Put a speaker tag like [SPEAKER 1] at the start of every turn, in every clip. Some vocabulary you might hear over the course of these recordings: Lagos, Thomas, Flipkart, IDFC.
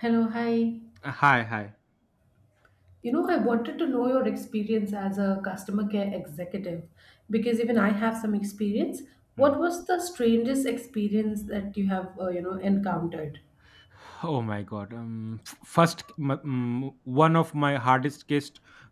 [SPEAKER 1] Hello, hi.
[SPEAKER 2] Hi, hi.
[SPEAKER 1] You know, I wanted to know your experience as a customer care executive because even I have some experience.
[SPEAKER 2] Hmm.
[SPEAKER 1] What was the strangest experience that you have, you know, encountered?
[SPEAKER 2] Oh my God. First, one of my hardest case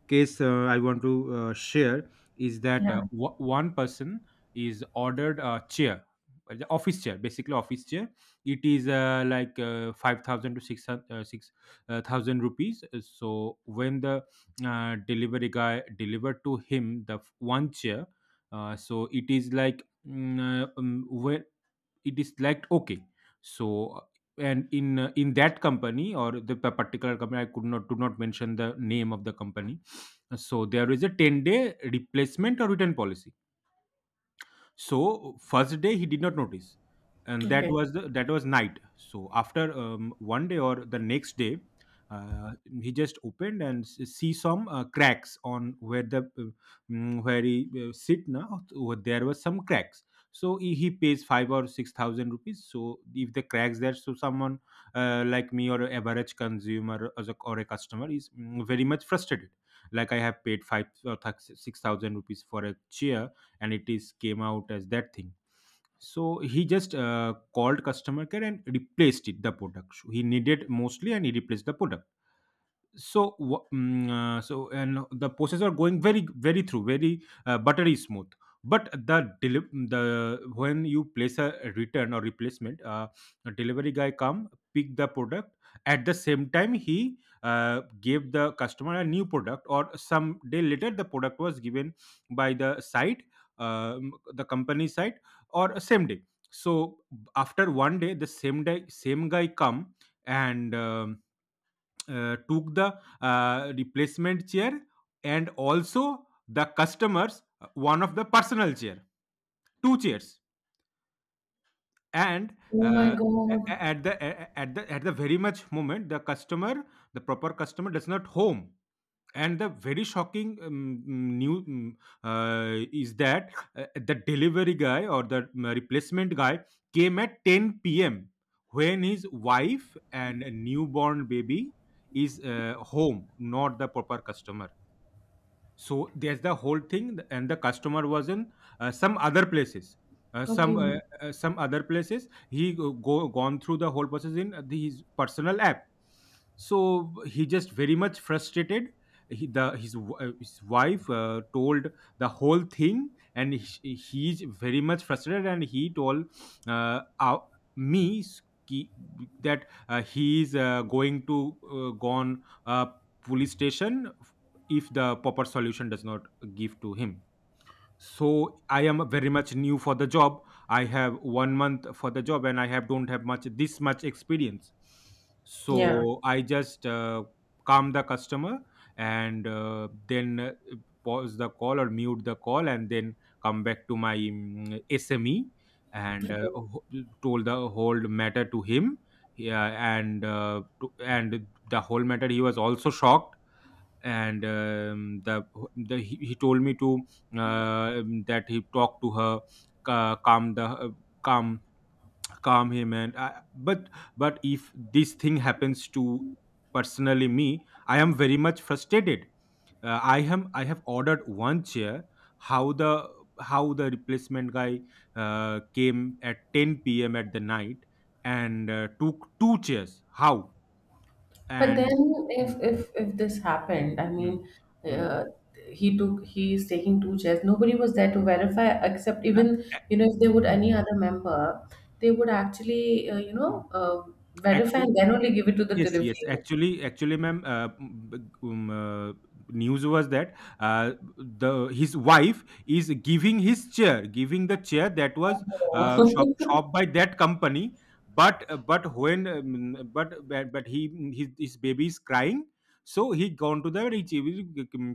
[SPEAKER 2] case uh, I want to share is that
[SPEAKER 1] Yeah.
[SPEAKER 2] one person is ordered a chair, the office chair, basically office chair. It is like 5,000 to 6,000 thousand rupees. So when the delivery guy delivered to him the one chair, so it is like. When it is like okay so uh, and in that company or the particular company, I could not do not mention the name of the company. So there is a 10-day replacement or return policy. So first day he did not notice, and that
[SPEAKER 1] Okay.
[SPEAKER 2] was the, that was night. So after one day or the next day, uh, he just opened and see some cracks on where the where he sit now. Over there was some cracks. So he pays five or six thousand rupees. So if the cracks there, so someone like me or average consumer as a, or a customer is very much frustrated. Like I have paid five or six thousand rupees for a chair and it is came out as that thing. So he just called customer care and replaced it the product. So he needed mostly and he replaced the product. So so and the process are going very through very buttery smooth. But the when you place a return or replacement, a delivery guy come pick the product. At the same time he gave the customer a new product or some day later the product was given by the site, the company site, or same day. So after one day the same day same guy come and took the replacement chair and also the customers one of the personal chair, two chairs. And
[SPEAKER 1] Oh my
[SPEAKER 2] uh,
[SPEAKER 1] God.
[SPEAKER 2] a- at the very much moment the customer, the proper customer does not home. And the very shocking new is that the delivery guy or the replacement guy came at 10 p.m. when his wife and a newborn baby is home, not the proper customer. So there's the whole thing, and the customer was in some other places.
[SPEAKER 1] Okay.
[SPEAKER 2] Some other places he gone through the whole process in his personal app. So he just very much frustrated. He, the his w- His wife told the whole thing, and he's very much frustrated, and he told uh, uh, me ki- that he is going to gone police station if the proper solution does not give to him. So I am very much new for the job. I have 1 month for the job and I have don't have much this much experience.
[SPEAKER 1] Yeah.
[SPEAKER 2] So I just calm the customer and then pause the call or mute the call and then come back to my SME and told the whole matter to him. Yeah, and and the whole matter he was also shocked. And the he told me to uh, that he talked to her, calm the calm calm him, and I, but if this thing happens to personally me, I am very much frustrated. I have ordered one chair. How the how the replacement guy came at 10 p.m at the night and took two chairs, how?
[SPEAKER 1] But then,
[SPEAKER 2] And
[SPEAKER 1] if if this happened, I
[SPEAKER 2] Hmm,
[SPEAKER 1] mean,
[SPEAKER 2] hmm, hmm.
[SPEAKER 1] uh, he took he's taking two chairs. Nobody was there to verify, except
[SPEAKER 2] Uh,
[SPEAKER 1] even you know if they would any other member, they would actually you
[SPEAKER 2] Hmm.
[SPEAKER 1] know verify
[SPEAKER 2] Actually,
[SPEAKER 1] and then only give it to the
[SPEAKER 2] yes, yes.
[SPEAKER 1] delivery. Agent.
[SPEAKER 2] Actually, actually, ma'am, um, uh, news was that the his wife is giving his chair, giving the chair that was shop
[SPEAKER 1] Oh,
[SPEAKER 2] shop by that company. But when but he his baby is crying, so he gone to the He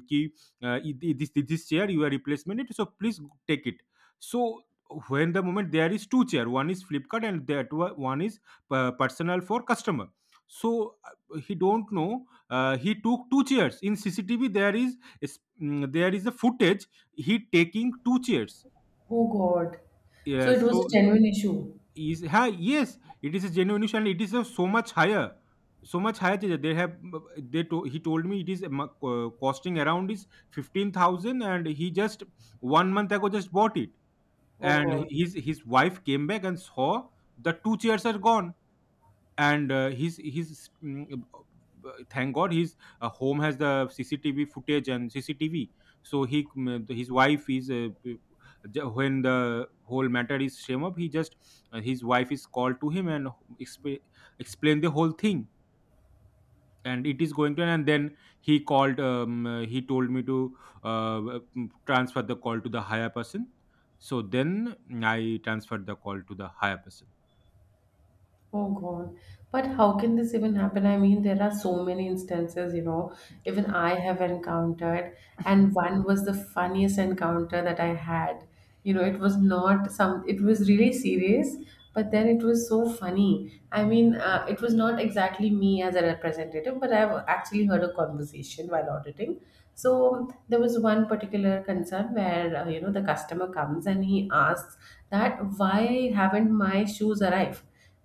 [SPEAKER 2] ki uh, this this chair you are replacement it. So please take it. So when the moment there is two chair, one is Flipkart and that one is personal for customer. So he don't know. He took two chairs. In CCTV there there is a footage, he taking two chairs.
[SPEAKER 1] oh God! So
[SPEAKER 2] Yeah,
[SPEAKER 1] it was
[SPEAKER 2] so
[SPEAKER 1] a genuine issue.
[SPEAKER 2] is ha, yes, it is a genuine issue, and it is a so much higher, so much higher that they have, they to, he told me it is costing around is 15,000, and he just 1 month ago just bought it.
[SPEAKER 1] Oh
[SPEAKER 2] And
[SPEAKER 1] God!
[SPEAKER 2] his wife came back and saw the two chairs are gone. And he's thank god his home has the CCTV footage and CCTV. So he his wife is when the whole matter is shame up he just his wife is called to him and exp- explain the whole thing. And it is going to, and then he called he told me to uh, transfer the call to the higher person. So then I transferred the call to the higher person.
[SPEAKER 1] Oh God. But how can this even happen? I mean, there are so many instances, you know, even I have encountered, and one was the funniest encounter that I had. You know, it was not some, it was really serious, but then it was so funny. I mean, it was not exactly me as a representative, but I've actually heard a conversation while auditing.
[SPEAKER 2] Hmm.
[SPEAKER 1] So there was one particular concern where, you know, the customer comes and he asks that why haven't my shoes arrived?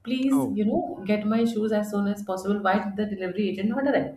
[SPEAKER 1] Please,
[SPEAKER 2] oh
[SPEAKER 1] you know, get my shoes as soon as possible. Why
[SPEAKER 2] was-
[SPEAKER 1] did the delivery agent not arrive?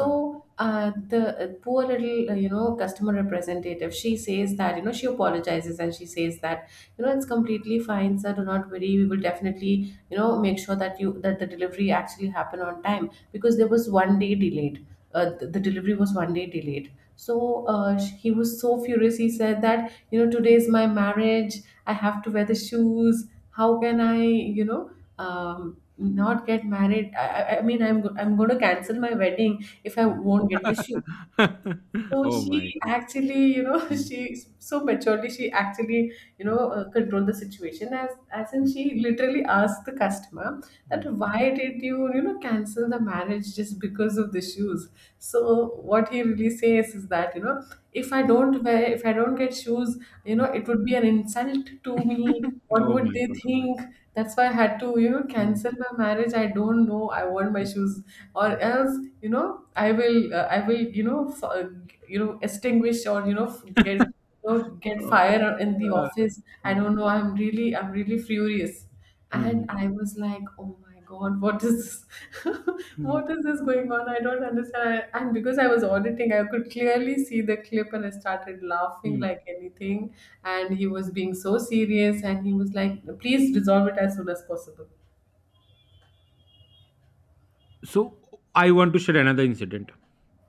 [SPEAKER 2] hmm.
[SPEAKER 1] the poor little you know customer representative, she says that you know she apologizes and she says that you know it's completely fine sir, do not worry, we will definitely you know make sure that you that the delivery actually happen on time because there was 1 day delayed. The delivery was 1 day delayed. So he was so furious. He said that, you know, today is my marriage, I have to wear the shoes. How can I, you know, not get married? I mean, I'm going to cancel my wedding if I won't get the shoe. So
[SPEAKER 2] Oh my
[SPEAKER 1] she
[SPEAKER 2] God.
[SPEAKER 1] actually, you know,
[SPEAKER 2] Mm,
[SPEAKER 1] she so maturely she actually, you know,
[SPEAKER 2] mm,
[SPEAKER 1] controlled the situation, as in
[SPEAKER 2] mm,
[SPEAKER 1] she literally asked the customer that
[SPEAKER 2] mm,
[SPEAKER 1] why did you, you know, cancel the marriage just because of the shoes? So what he really says is that, you know, if I don't wear, if I don't get shoes, you know,
[SPEAKER 2] mm.
[SPEAKER 1] it would be an insult to me. What
[SPEAKER 2] Oh
[SPEAKER 1] would
[SPEAKER 2] my
[SPEAKER 1] they
[SPEAKER 2] God. Oh my
[SPEAKER 1] think?
[SPEAKER 2] God.
[SPEAKER 1] That's why I had to, you know,
[SPEAKER 2] Mm,
[SPEAKER 1] cancel my marriage. I don't know. I want my
[SPEAKER 2] mm,
[SPEAKER 1] shoes, or
[SPEAKER 2] mm.
[SPEAKER 1] else, you know, I will, you know, you know, extinguish, or you know, get, you know, get
[SPEAKER 2] Uh,
[SPEAKER 1] fire in the
[SPEAKER 2] uh,
[SPEAKER 1] office. I
[SPEAKER 2] mm,
[SPEAKER 1] don't know. I'm really furious.
[SPEAKER 2] mm,
[SPEAKER 1] And I was like, oh my God, what is this?
[SPEAKER 2] mm,
[SPEAKER 1] What is this going on? I don't understand. And because I was auditing, I could clearly see the clip and I started laughing
[SPEAKER 2] mm.
[SPEAKER 1] like anything. And he was being so serious and he was like, please resolve it as soon as possible.
[SPEAKER 2] So I want to share another incident.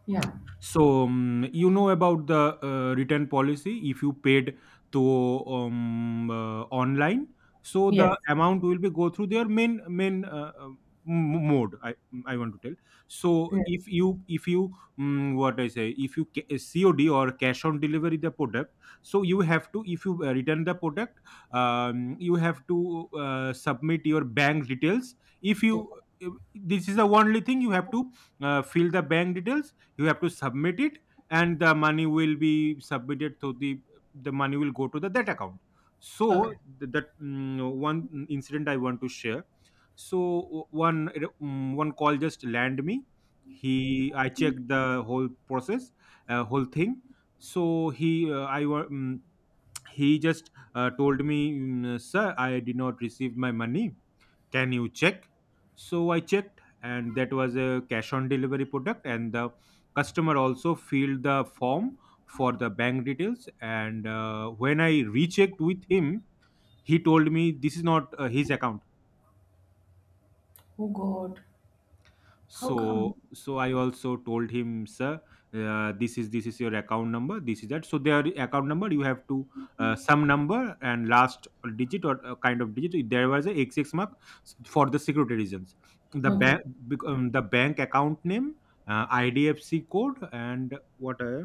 [SPEAKER 1] Yeah.
[SPEAKER 2] So you know about the return policy if you paid to online. So
[SPEAKER 1] Yes.
[SPEAKER 2] the amount will be go through their main mode. I want to tell. So
[SPEAKER 1] Yeah.
[SPEAKER 2] if you what I say if you COD or cash on delivery the product. So you have to if you return the product, you have to submit your bank details. If you this is the only thing you have to fill the bank details, you have to submit it, and the money will be submitted to the money will go to the that account. So
[SPEAKER 1] Okay.
[SPEAKER 2] that one incident I want to share. So one one call just land me. He i checked the whole process, whole thing. So he uh, i wa- mm, he just told me sir, I did not receive my money, can you check? So I checked, and that was a cash on delivery product, and the customer also filled the form for the bank details. And when I rechecked with him, he told me this is not his account.
[SPEAKER 1] Oh God. How come?
[SPEAKER 2] So so I also told him, sir, this is your account number, this is that, so their account number you have to some number and last digit or kind of digit there was a xx mark for the security reasons. The
[SPEAKER 1] Okay.
[SPEAKER 2] bank, the bank account name, IDFC code, and what,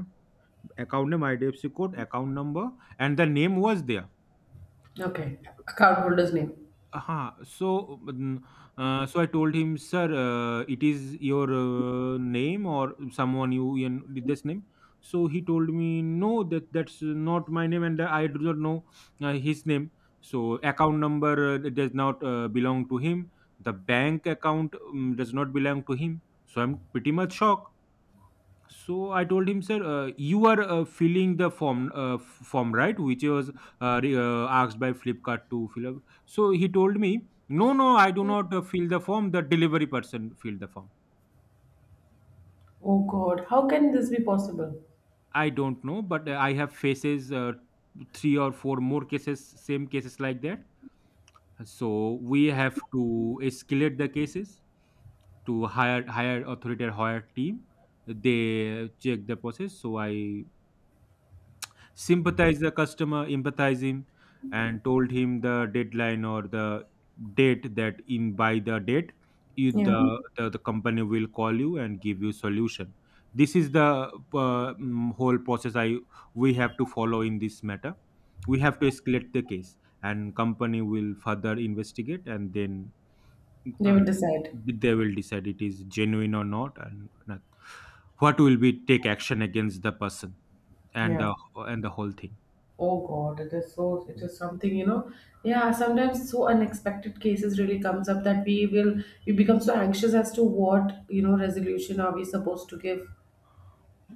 [SPEAKER 2] account name, IDFC code, account number, and the name was there.
[SPEAKER 1] Okay. Account holder's name.
[SPEAKER 2] Uh-huh. So, so I told him, sir, it is your name or someone you did this name. So he told me, no, that that's not my name, and I do not know his name. So account number it does not belong to him. The bank account does not belong to him. So I'm pretty much shocked. So I told him, sir, you are filling the form, form, right, which was asked by Flipkart to fill up. So he told me, no, no, I do not fill the form. The delivery person filled the form.
[SPEAKER 1] Oh God. How can this be possible?
[SPEAKER 2] I don't know, but I have faces, three or four more cases, same cases like that. So we have to escalate the cases to higher authority or higher team. They check the process. So I sympathize the customer, empathize him, and told him the deadline or the date that in by the date you,
[SPEAKER 1] Yeah.
[SPEAKER 2] the company will call you and give you solution. This is the whole process I we have to follow in this matter. We have to escalate the case, and company will further investigate, and then
[SPEAKER 1] They
[SPEAKER 2] uh,
[SPEAKER 1] will decide.
[SPEAKER 2] they will decide it is genuine or not, and not, what will be take action against the person and
[SPEAKER 1] Yeah.
[SPEAKER 2] the whole thing.
[SPEAKER 1] Oh God, it is so, it is something, you know. Yeah, sometimes so unexpected cases really comes up that we will, we become so anxious as to what, you know, resolution are we supposed to give.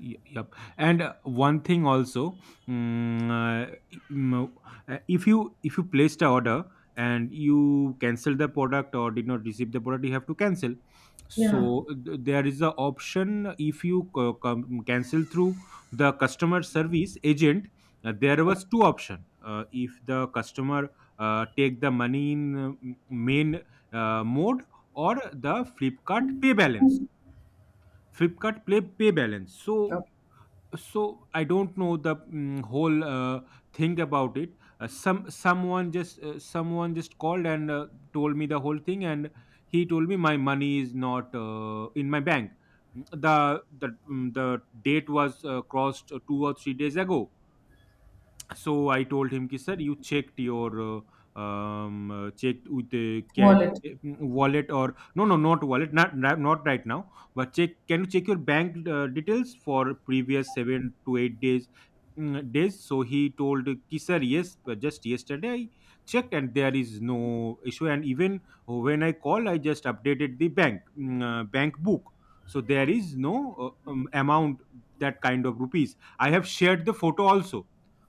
[SPEAKER 2] Yep. And one thing also, mm, uh, mm, if you placed the order and you cancel the product or did not receive the product, you have to cancel.
[SPEAKER 1] Yeah.
[SPEAKER 2] So there is a option if you cancel through the customer service agent. There was two option. If the customer take the money in main mode or the Flipkart pay balance. Flipkart play pay balance. So
[SPEAKER 1] Okay.
[SPEAKER 2] so i don't know the whole thing about it. Someone just called and told me the whole thing, and he told me my money is not in my bank. Mm, the the the date was crossed 2 or 3 days ago, so I told him ki sir, you checked your checked with the can
[SPEAKER 1] Wallet.
[SPEAKER 2] wallet or no, no, not wallet, not right now, but check, can you check your bank details for previous 7 to 8 days, so he told ki sir, yes, but just yesterday I checked and there is no issue, and even when I call I just updated the bank book, so there is no amount, that kind of rupees, I have shared the photo also.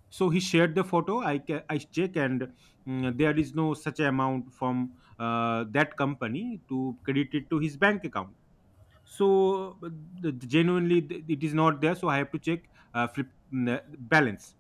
[SPEAKER 2] So he shared the photo, I check and there is no such amount from that company to credit it to his bank account. So genuinely it is not there, so I have to check uh, flip mm, uh, balance.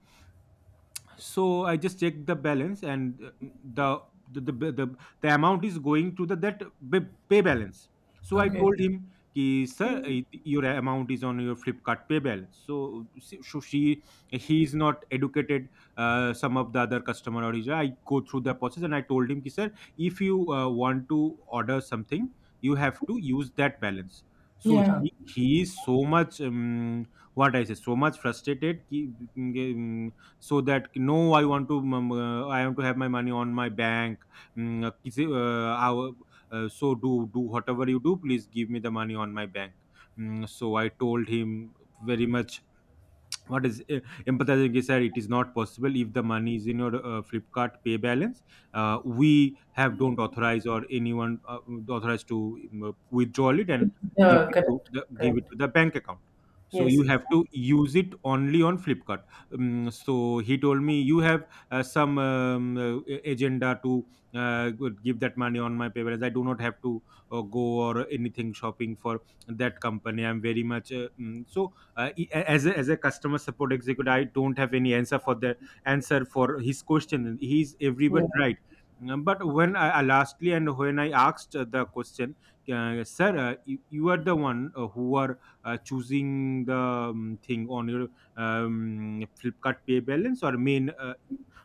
[SPEAKER 2] So I just check the balance and the the, the the the amount is going to the that ba- pay balance. So I
[SPEAKER 1] Okay.
[SPEAKER 2] told him ki sir, your amount is on your flipkart pay balance. So, she- so she he is not educated. Some of the other customer or is I go through the process, and I told him ki sir, if you want to order something, you have to use that balance. So
[SPEAKER 1] Yeah.
[SPEAKER 2] he is so much what I say, so much frustrated ki, mm, mm, so that no, I want to have my money on my bank, किसी, so do whatever you do, please give me the money on my bank. So I told him, very much what is empathizing, is that it is not possible. If the money is in your flipkart pay balance, we have don't authorize or anyone authorized to withdraw it and
[SPEAKER 1] Yeah, correct.
[SPEAKER 2] give it
[SPEAKER 1] Correct.
[SPEAKER 2] to the bank account. So
[SPEAKER 1] Yes,
[SPEAKER 2] you
[SPEAKER 1] yes.
[SPEAKER 2] have to use it only on flipkart. So he told me, you have some agenda to give that money on my pay balance. I do not have to go or anything shopping for that company, I'm very much so as a customer support executive, I don't have any answer for his question, he's everywhere,
[SPEAKER 1] Yeah.
[SPEAKER 2] right? But when I lastly, and when I asked the question, sir, you are the one who are choosing the thing on your flipkart pay balance or main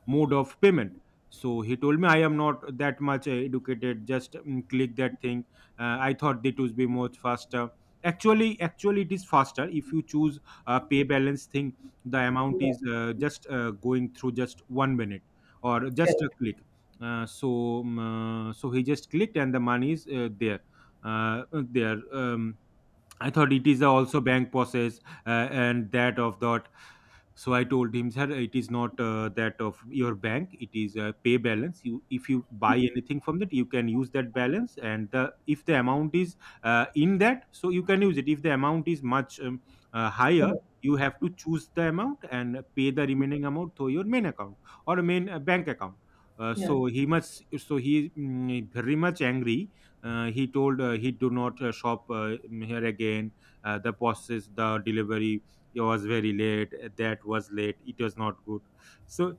[SPEAKER 2] mode of payment. So he told me, I am not that much educated, just click that thing. I thought it would be much faster. Actually it is faster, if you choose a pay balance thing, the amount
[SPEAKER 1] Yeah.
[SPEAKER 2] is just going through, just one minute or just a
[SPEAKER 1] Correct.
[SPEAKER 2] click. So he just clicked and the money is there, I thought it is also bank process. And that of that, so I told him sir, it is not that of your bank, it is a pay balance. You if you buy anything from that, you can use that balance, and the if the amount is in that, so you can use it. If the amount is much higher,
[SPEAKER 1] Correct.
[SPEAKER 2] you have to choose the amount and pay the remaining amount through your main account, or main bank account.
[SPEAKER 1] Yeah.
[SPEAKER 2] So he must, so he very much angry. He told he do not shop here again. The process, the delivery, it was very late, that was late, it was not good. So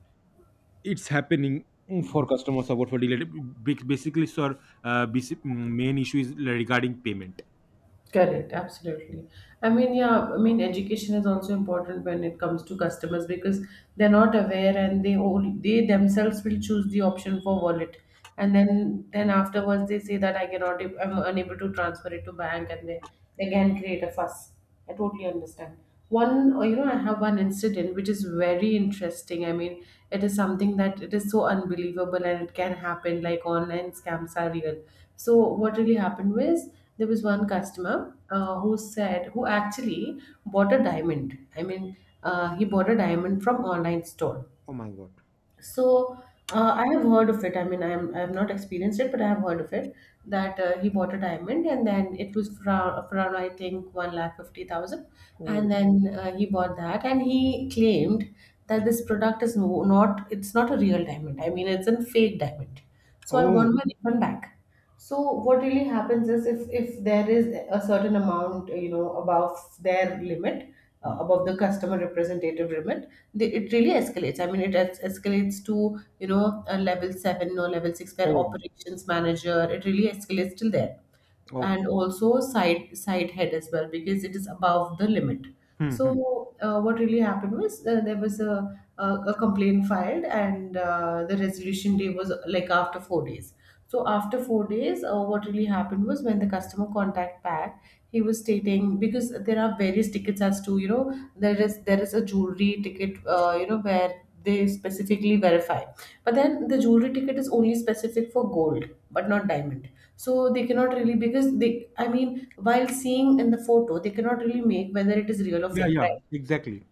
[SPEAKER 2] it's happening, for customer support for delayed. Basically sir, main issue is regarding payment.
[SPEAKER 1] Correct, absolutely. I mean, yeah, I mean, education is also important when it comes to customers because they're not aware and they only they themselves will choose the option for wallet, and then afterwards they say that I cannot, I'm unable to transfer it to bank, and they can create a fuss. I totally understand. One, you know, I have one incident which is very interesting. I mean, it is something that it is so unbelievable and it can happen, like online scams are real. So, what really happened was there was one customer who said, who actually bought a diamond. I mean, he bought a diamond from online store.
[SPEAKER 2] Oh my god.
[SPEAKER 1] So I have heard of it. I mean, I have not experienced it, but I have heard of it that he bought a diamond and then it was for for around I think one lakh 50,000, and
[SPEAKER 2] Oh.
[SPEAKER 1] then he bought that and he claimed that this product is no, not it's not a real diamond. I mean, it's a fake diamond. So I
[SPEAKER 2] Oh.
[SPEAKER 1] want my refund back. So what really happens is if there is a certain amount, you know, above their limit,
[SPEAKER 2] Hmm.
[SPEAKER 1] above the customer representative limit, they, it really escalates. I mean, it escalates to, you know, a level seven or level six, where
[SPEAKER 2] Oh.
[SPEAKER 1] operations manager, it really escalates till there,
[SPEAKER 2] Oh.
[SPEAKER 1] and also side side head as well because it is above the limit.
[SPEAKER 2] Hmm, hmm.
[SPEAKER 1] So what really happened was there was a complaint filed, and the resolution day was like after 4 days. So after 4 days, what really happened was when the customer contact back, he was stating because there are various tickets as to, you know, there is a jewelry ticket, you know, where they specifically verify, but then the jewelry ticket is only specific for gold but not diamond, so they cannot really because they, I mean, while seeing in the photo they cannot really make whether it is real or
[SPEAKER 2] Yeah,
[SPEAKER 1] fake,
[SPEAKER 2] yeah,
[SPEAKER 1] right?
[SPEAKER 2] exactly.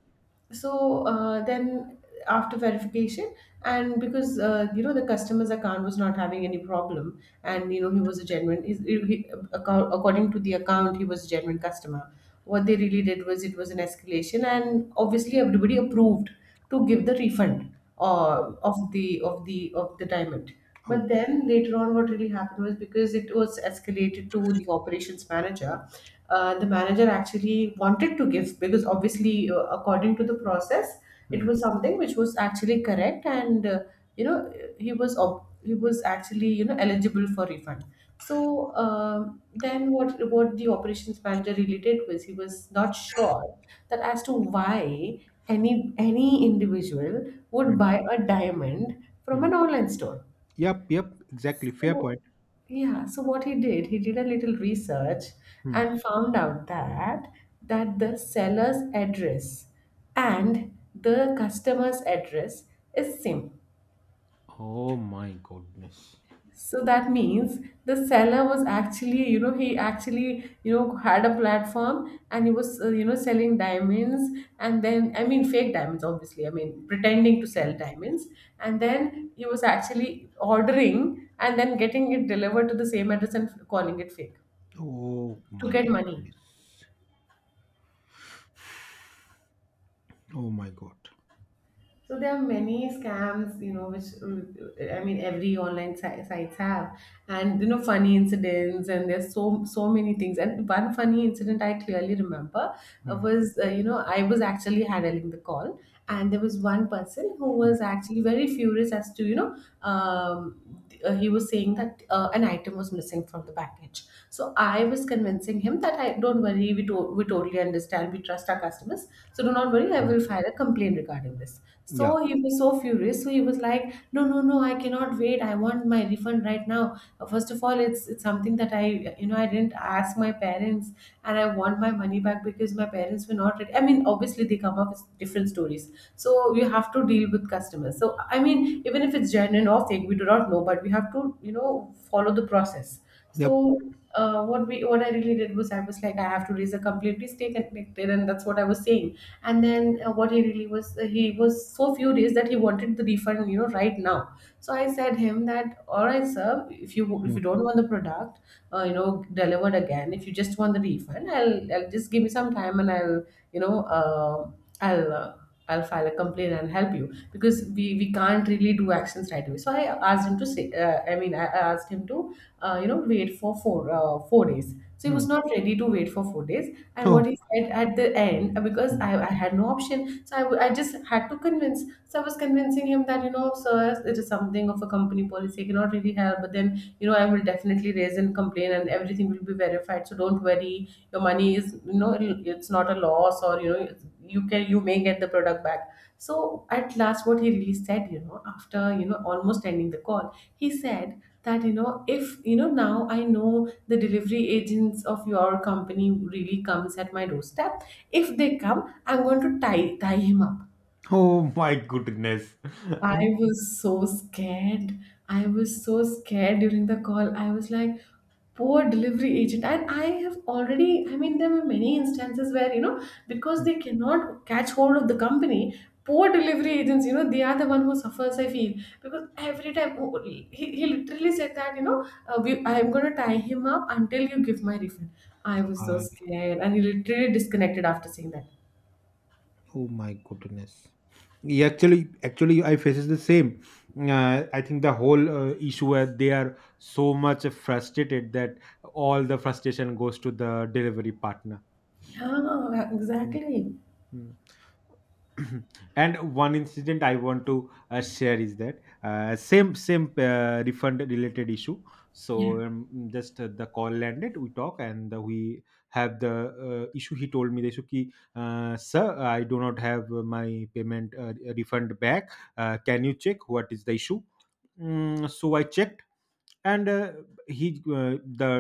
[SPEAKER 1] So then after verification, and because you know the customer's account was not having any problem and you know he was a genuine is he, account, according to the account he was a genuine customer, what they really did was it was an escalation, and obviously everybody approved to give the refund
[SPEAKER 2] Oh.
[SPEAKER 1] of the diamond.
[SPEAKER 2] Oh.
[SPEAKER 1] But then later on, what really happened was because it was escalated to the operations manager, the manager actually wanted to give, because obviously, according to the process, it
[SPEAKER 2] Hmm,
[SPEAKER 1] was something which was actually correct, and you know he was he was actually, you know, eligible for refund. So, um, then what the operations manager really did was he was not sure that as to why any individual would
[SPEAKER 2] hmm,
[SPEAKER 1] buy a diamond from
[SPEAKER 2] hmm.
[SPEAKER 1] an online store.
[SPEAKER 2] Yep, yep, exactly. Fair
[SPEAKER 1] So,
[SPEAKER 2] point.
[SPEAKER 1] yeah, so what he did a little research
[SPEAKER 2] Hmm.
[SPEAKER 1] and found out that the seller's address and the customer's address is same.
[SPEAKER 2] Oh my goodness.
[SPEAKER 1] So that means the seller was actually, you know, he actually, you know, had a platform and he was, you know, selling diamonds and then, I mean, fake diamonds, obviously. I mean, pretending to sell diamonds. And then he was actually ordering and then getting it delivered to the same address and calling it fake
[SPEAKER 2] Oh
[SPEAKER 1] to
[SPEAKER 2] my
[SPEAKER 1] get money.
[SPEAKER 2] goodness. Oh my god.
[SPEAKER 1] So there are many scams, you know, which I mean, every online sites have, and you know, funny incidents, and there's so so many things. And one funny incident I clearly remember,
[SPEAKER 2] Hmm,
[SPEAKER 1] was, you know, I was actually handling the call, and there was one person who
[SPEAKER 2] hmm,
[SPEAKER 1] was actually very furious as to, you know, um, he was saying that an item was missing from the package. So I was convincing him that I don't worry, we we totally understand, we trust our customers. So do not worry, I
[SPEAKER 2] hmm.
[SPEAKER 1] will file a complaint regarding this.
[SPEAKER 2] Yeah.
[SPEAKER 1] So he was so furious. So he was like, no, no, no, I cannot wait. I want my refund right now. First of all, it's something that I, you know, I didn't ask my parents, and I want my money back because my parents were not ready. I mean, obviously they come up with different stories employees. So you have to deal with customers. So I mean, even if it's genuine or fake, we do not know, but we have to, you know, follow the process. So what we what I really did was I was like, I have to raise a complaint. Please stay connected, and that's what I was saying. And then what he really was, he was so furious that he wanted the refund, you know, right now. So I said him that, all right, sir, if
[SPEAKER 2] Hmm,
[SPEAKER 1] you don't want the product, you know, delivered again, if you just want the refund, I'll just give me some time and I'll, you know, I'll file a complaint and help you, because we can't really do actions right away. So I asked him to say, I mean, I asked him to, you know, wait for 4 days. So he
[SPEAKER 2] hmm.
[SPEAKER 1] was not ready to wait for 4 days. And what he said at the end, because I had no option, so I I just had to convince. So I was convincing him that, you know, sir, it is something of a company policy. I cannot really help, but then, you know, I will definitely raise and complain, and everything will be verified, so don't worry, your money is, it's not a loss, or you can, you may get the product back. So at last what he really said, you know, after, you know, almost ending the call, he said that, you know, if, you know, now I know the delivery agents of your company really comes at my doorstep, if they come, I'm going to tie him up.
[SPEAKER 2] Oh my goodness.
[SPEAKER 1] I was so scared. I was so scared during the call. I was like, poor delivery agent. And I have already, I mean, there were many instances where, you know, because they cannot catch hold of the company, poor delivery agents, you know, they are the one who suffers, I feel. Because every time, oh, he literally said that, we, I'm going to tie him up until you give my refund. I was so
[SPEAKER 2] Uh,
[SPEAKER 1] scared. And he literally disconnected after saying that.
[SPEAKER 2] oh my goodness. Yeah, actually, I faces the same. I think the whole issue, where they are so much frustrated, that all the frustration goes to the delivery partner.
[SPEAKER 1] Yeah,
[SPEAKER 2] Mm.
[SPEAKER 1] exactly.
[SPEAKER 2] Mm. And one incident I want to share is that, same refund related issue. So
[SPEAKER 1] Yeah.
[SPEAKER 2] um, just the call landed, we talk, and we have the issue, he told me the issue ki, sir, I do not have my payment refund back, can you check what is the issue? So I checked, and he the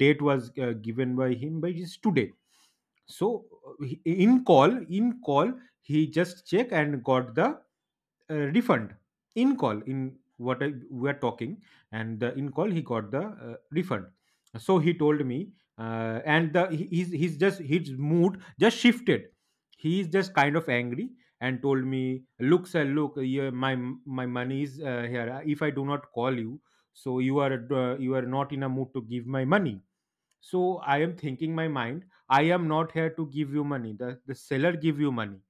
[SPEAKER 2] date was given by him by his today. So uh, he- in call he just checked and got the refund. In call, in what we are talking, and the in call he got the refund. So he told me, he's just his mood just shifted, he's just kind of angry, and told me, look sir, look yeah, my money is here, if I do not call you, so you are not in a mood to give my money. So I am thinking my mind, I am not here to give you money, the seller give you money.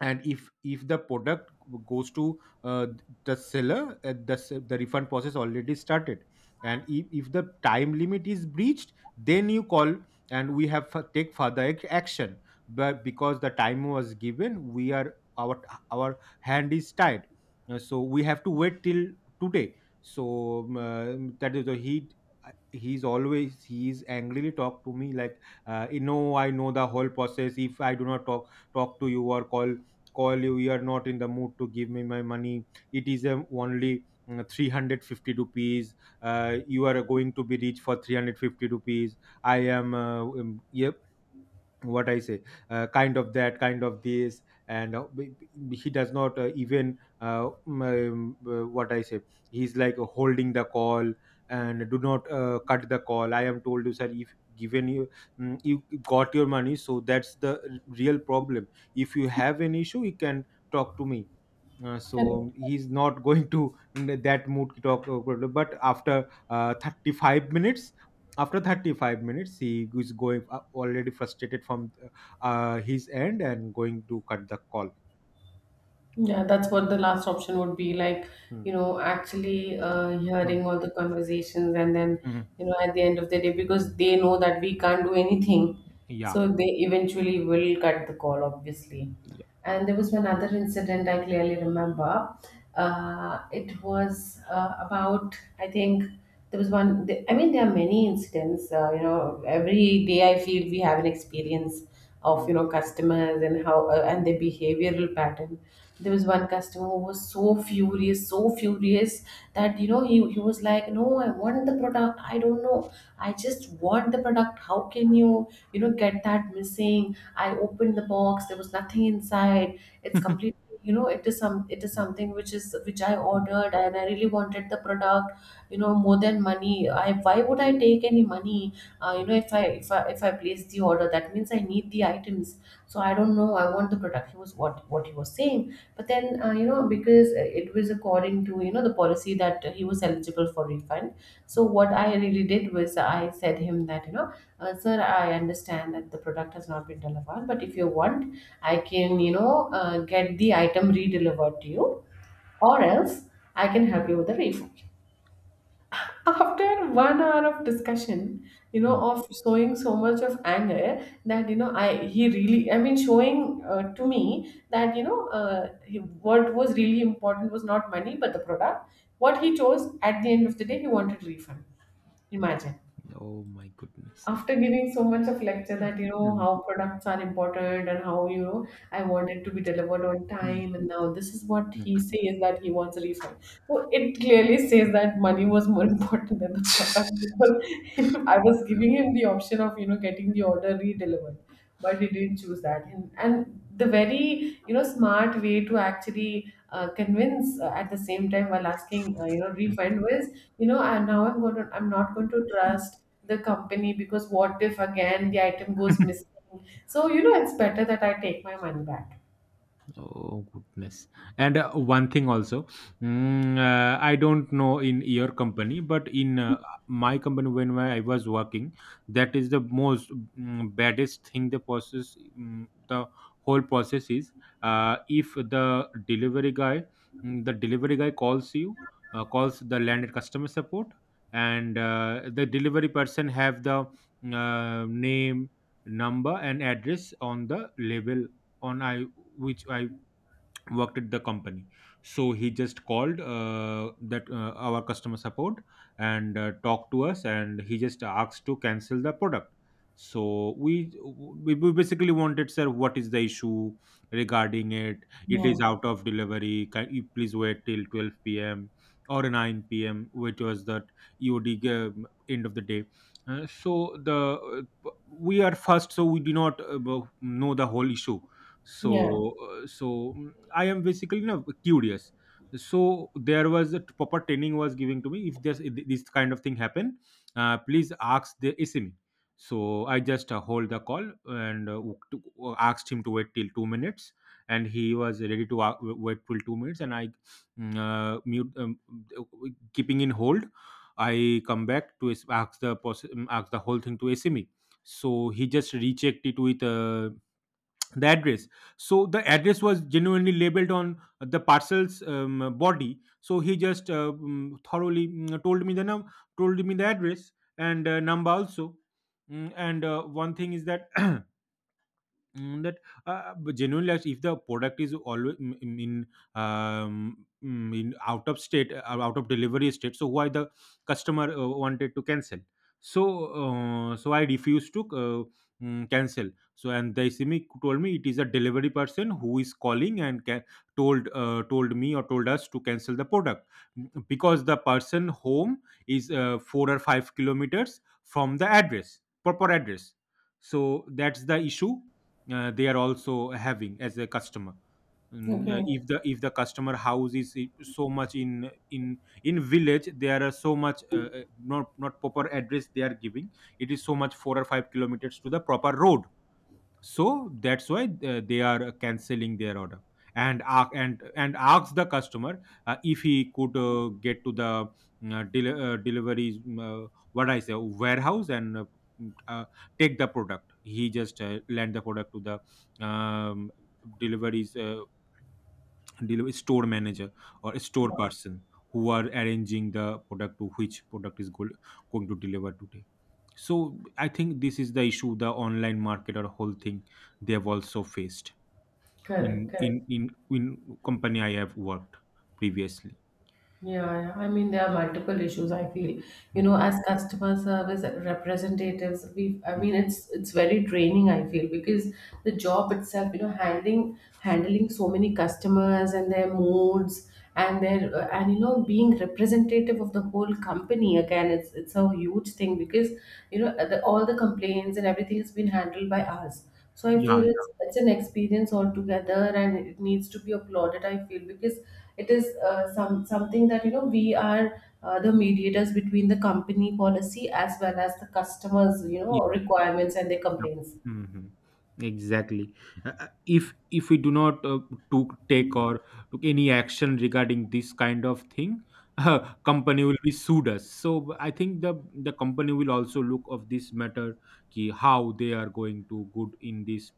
[SPEAKER 2] And if the product goes to the seller, the refund process already started, and if the time limit is breached, then you call, and we have take further action. But because the time was given, we are our hand is tied. So we have to wait till today. So um, uh, that is the, he uh, he's always he's angrily talk to me like, you know, I know the whole process, if I do not talk to you, or call you, you are not in the mood to give me my money. It is only 350 rupees, you are going to be rich for 350 rupees. I am yeah, what I say, kind of that, kind of this, and he does not even what I say. He's like holding the call and do not cut the call. I am told you, sir, if given you you got your money, so that's the real problem. If you have an issue, you can talk to me.
[SPEAKER 1] Correct.
[SPEAKER 2] He's not going to, in that mood to talk, but after 35 minutes, after 35 minutes, he is going already frustrated from his end, and going to cut the call.
[SPEAKER 1] Yeah, that's what the last option would be like, you
[SPEAKER 2] Hmm.
[SPEAKER 1] know, actually
[SPEAKER 2] Hmm.
[SPEAKER 1] hearing all the conversations, and then,
[SPEAKER 2] Hmm.
[SPEAKER 1] you know, at the end of the day, because they know that we can't do anything.
[SPEAKER 2] Yeah.
[SPEAKER 1] So they eventually will cut the call, obviously.
[SPEAKER 2] Yeah.
[SPEAKER 1] And there was one other incident I clearly remember. It was about, I think, there was one, I mean, there are many incidents. You know, every day I feel we have an experience of, you
[SPEAKER 2] Hmm.
[SPEAKER 1] know, customers and how, and their behavioral pattern. There was one customer who was so furious, so furious, that you know, he was like, no, I want the product, I don't know, I just want the product, how can you, you know, get that missing, I opened the box, there was nothing inside, it's completely, you know, it is some, it is
[SPEAKER 2] Hmm.
[SPEAKER 1] something which is, which I
[SPEAKER 2] Hmm.
[SPEAKER 1] ordered, and I really wanted the product. You know, more than money, I why would I take any money? You know, if I place the order, that means I need the items. So I don't know, I want the product, he was, what he was saying. But then, you know, because it was according to, you know, the policy that he was eligible for refund. So what I really did was, I said him that, you know, sir, I understand that the product has not been delivered, but if you want, I can, you know, get the item re-delivered to you, or else I can help you with the refund. After 1 hour of discussion, you know,
[SPEAKER 2] Hmm.
[SPEAKER 1] of showing so much of anger, that you know, I he really, I mean, showing to me that, you know, what was really important was not money but the product. What he chose at the end of the day, he wanted refund. Imagine,
[SPEAKER 2] Oh my goodness.
[SPEAKER 1] after giving so much of lecture that you know
[SPEAKER 2] Hmm.
[SPEAKER 1] how products are important, and how, you know, I want it to be delivered on
[SPEAKER 2] Hmm.
[SPEAKER 1] time, and now this is what he says, that he wants a refund. So it clearly says that money was more important than the product, because I was
[SPEAKER 2] Hmm.
[SPEAKER 1] giving him the option of, you know, getting the order re-delivered, but he didn't choose that. And the very, you know, smart way to actually convince, at the same time, while asking, you know, refund was, you know, and now I'm going to, I'm not going to trust the company, because what if again the item goes missing, so you know, it's better that I take my money back.
[SPEAKER 2] Oh goodness! And one thing also, I don't know in your company, but in my company when I was working, that is the most baddest thing. The process, the whole process is, if the delivery guy, the delivery guy calls you, calls the landed customer support, and the delivery person have the name, number, and address on the label, on I, which I worked at the company. So he just called that our customer support, and talked to us, and he just asked to cancel the product. So we basically wanted, sir, what is the issue regarding it is out of delivery, can you please wait till 12 p.m. or 9 p.m., which was the eod g- end of the day. So the, uh, we are first, so we do not know the whole issue. So
[SPEAKER 1] Yeah.
[SPEAKER 2] I am basically, you know, curious. So there was a proper training was given to me, if this kind of thing happen, please ask the SME. So I just hold the call, and asked him to wait till 2 minutes, and he was ready to wait till 2 minutes, and I mute, keeping in hold. I come back to ask the ask the whole thing to SME. So he just rechecked it with the address, so the address was genuinely labeled on the parcel's body. So he just thoroughly told me the num told me the address, and number also. And one thing is that, that but genuinely, like, if the product is always in out of state, out of delivery state, so why the customer wanted to cancel? So so I refused to cancel. So and the simic told me, it is a delivery person who is calling and told told me, or told us, to cancel the product. Because the person home is 4 or 5 kilometers from the address, proper address. So that's the issue they are also having, as a customer. And,
[SPEAKER 1] Okay.
[SPEAKER 2] if the customer house is so much in in village, there are so much not proper address they are giving. It is so much 4 or 5 kilometers to the proper road, so that's why they are canceling their order. And and ask the customer if he could get to the delivery, what I say, warehouse, and uh, take the product. He just lend the product to the um, deliveries delivery store manager or store person, who are arranging the product to which product is going to deliver today. So I think this is the issue, the online marketer whole thing they have also faced,
[SPEAKER 1] Correct,
[SPEAKER 2] in in
[SPEAKER 1] correct.
[SPEAKER 2] in, in company I have worked previously.
[SPEAKER 1] Yeah, yeah. I mean, there are multiple issues. I feel, you know,
[SPEAKER 2] Mm,
[SPEAKER 1] as customer service representatives, we, I mean,
[SPEAKER 2] mm.
[SPEAKER 1] it's very draining. I feel, because the job itself, you know, handling so many customers and their moods, and their and you know, being representative of the whole company, again, it's a huge thing, because you know, all the complaints and everything has been handled by us. So I
[SPEAKER 2] Yeah,
[SPEAKER 1] feel it's an experience altogether, and it needs to be applauded. I feel because it is some something that you know, we are the mediators between the company policy as well as the customers, you
[SPEAKER 2] yeah,
[SPEAKER 1] know, requirements and their
[SPEAKER 2] yeah.
[SPEAKER 1] complaints.
[SPEAKER 2] Hmm, exactly. If we do not to take, or took, any action regarding this kind of thing, uh, company will be sued us, so I think the company will also look of this matter, ki how they are going to good in this,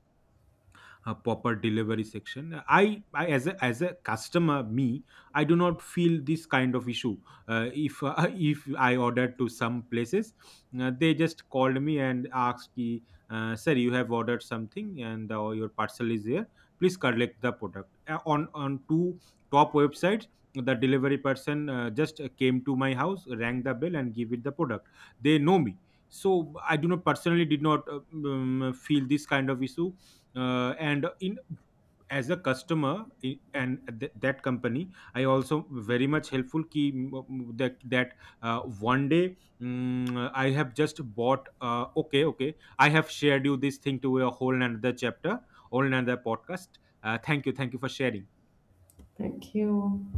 [SPEAKER 2] a proper delivery section. I, as a customer, me, I do not feel this kind of issue. If if I ordered to some places, they just called me and asked ki, sir, you have ordered something, and your parcel is here, please collect the product. On two top websites, the delivery person just came to my house, rang the bell, and give it the product. They know me. So I do not personally did not feel this kind of issue. And in, as a customer, that company, I also very much helpful ki that uh, one day, I have just bought, okay, okay, I have shared you this thing to a whole another chapter, whole another podcast. Thank you, thank you for sharing.
[SPEAKER 1] Thank you.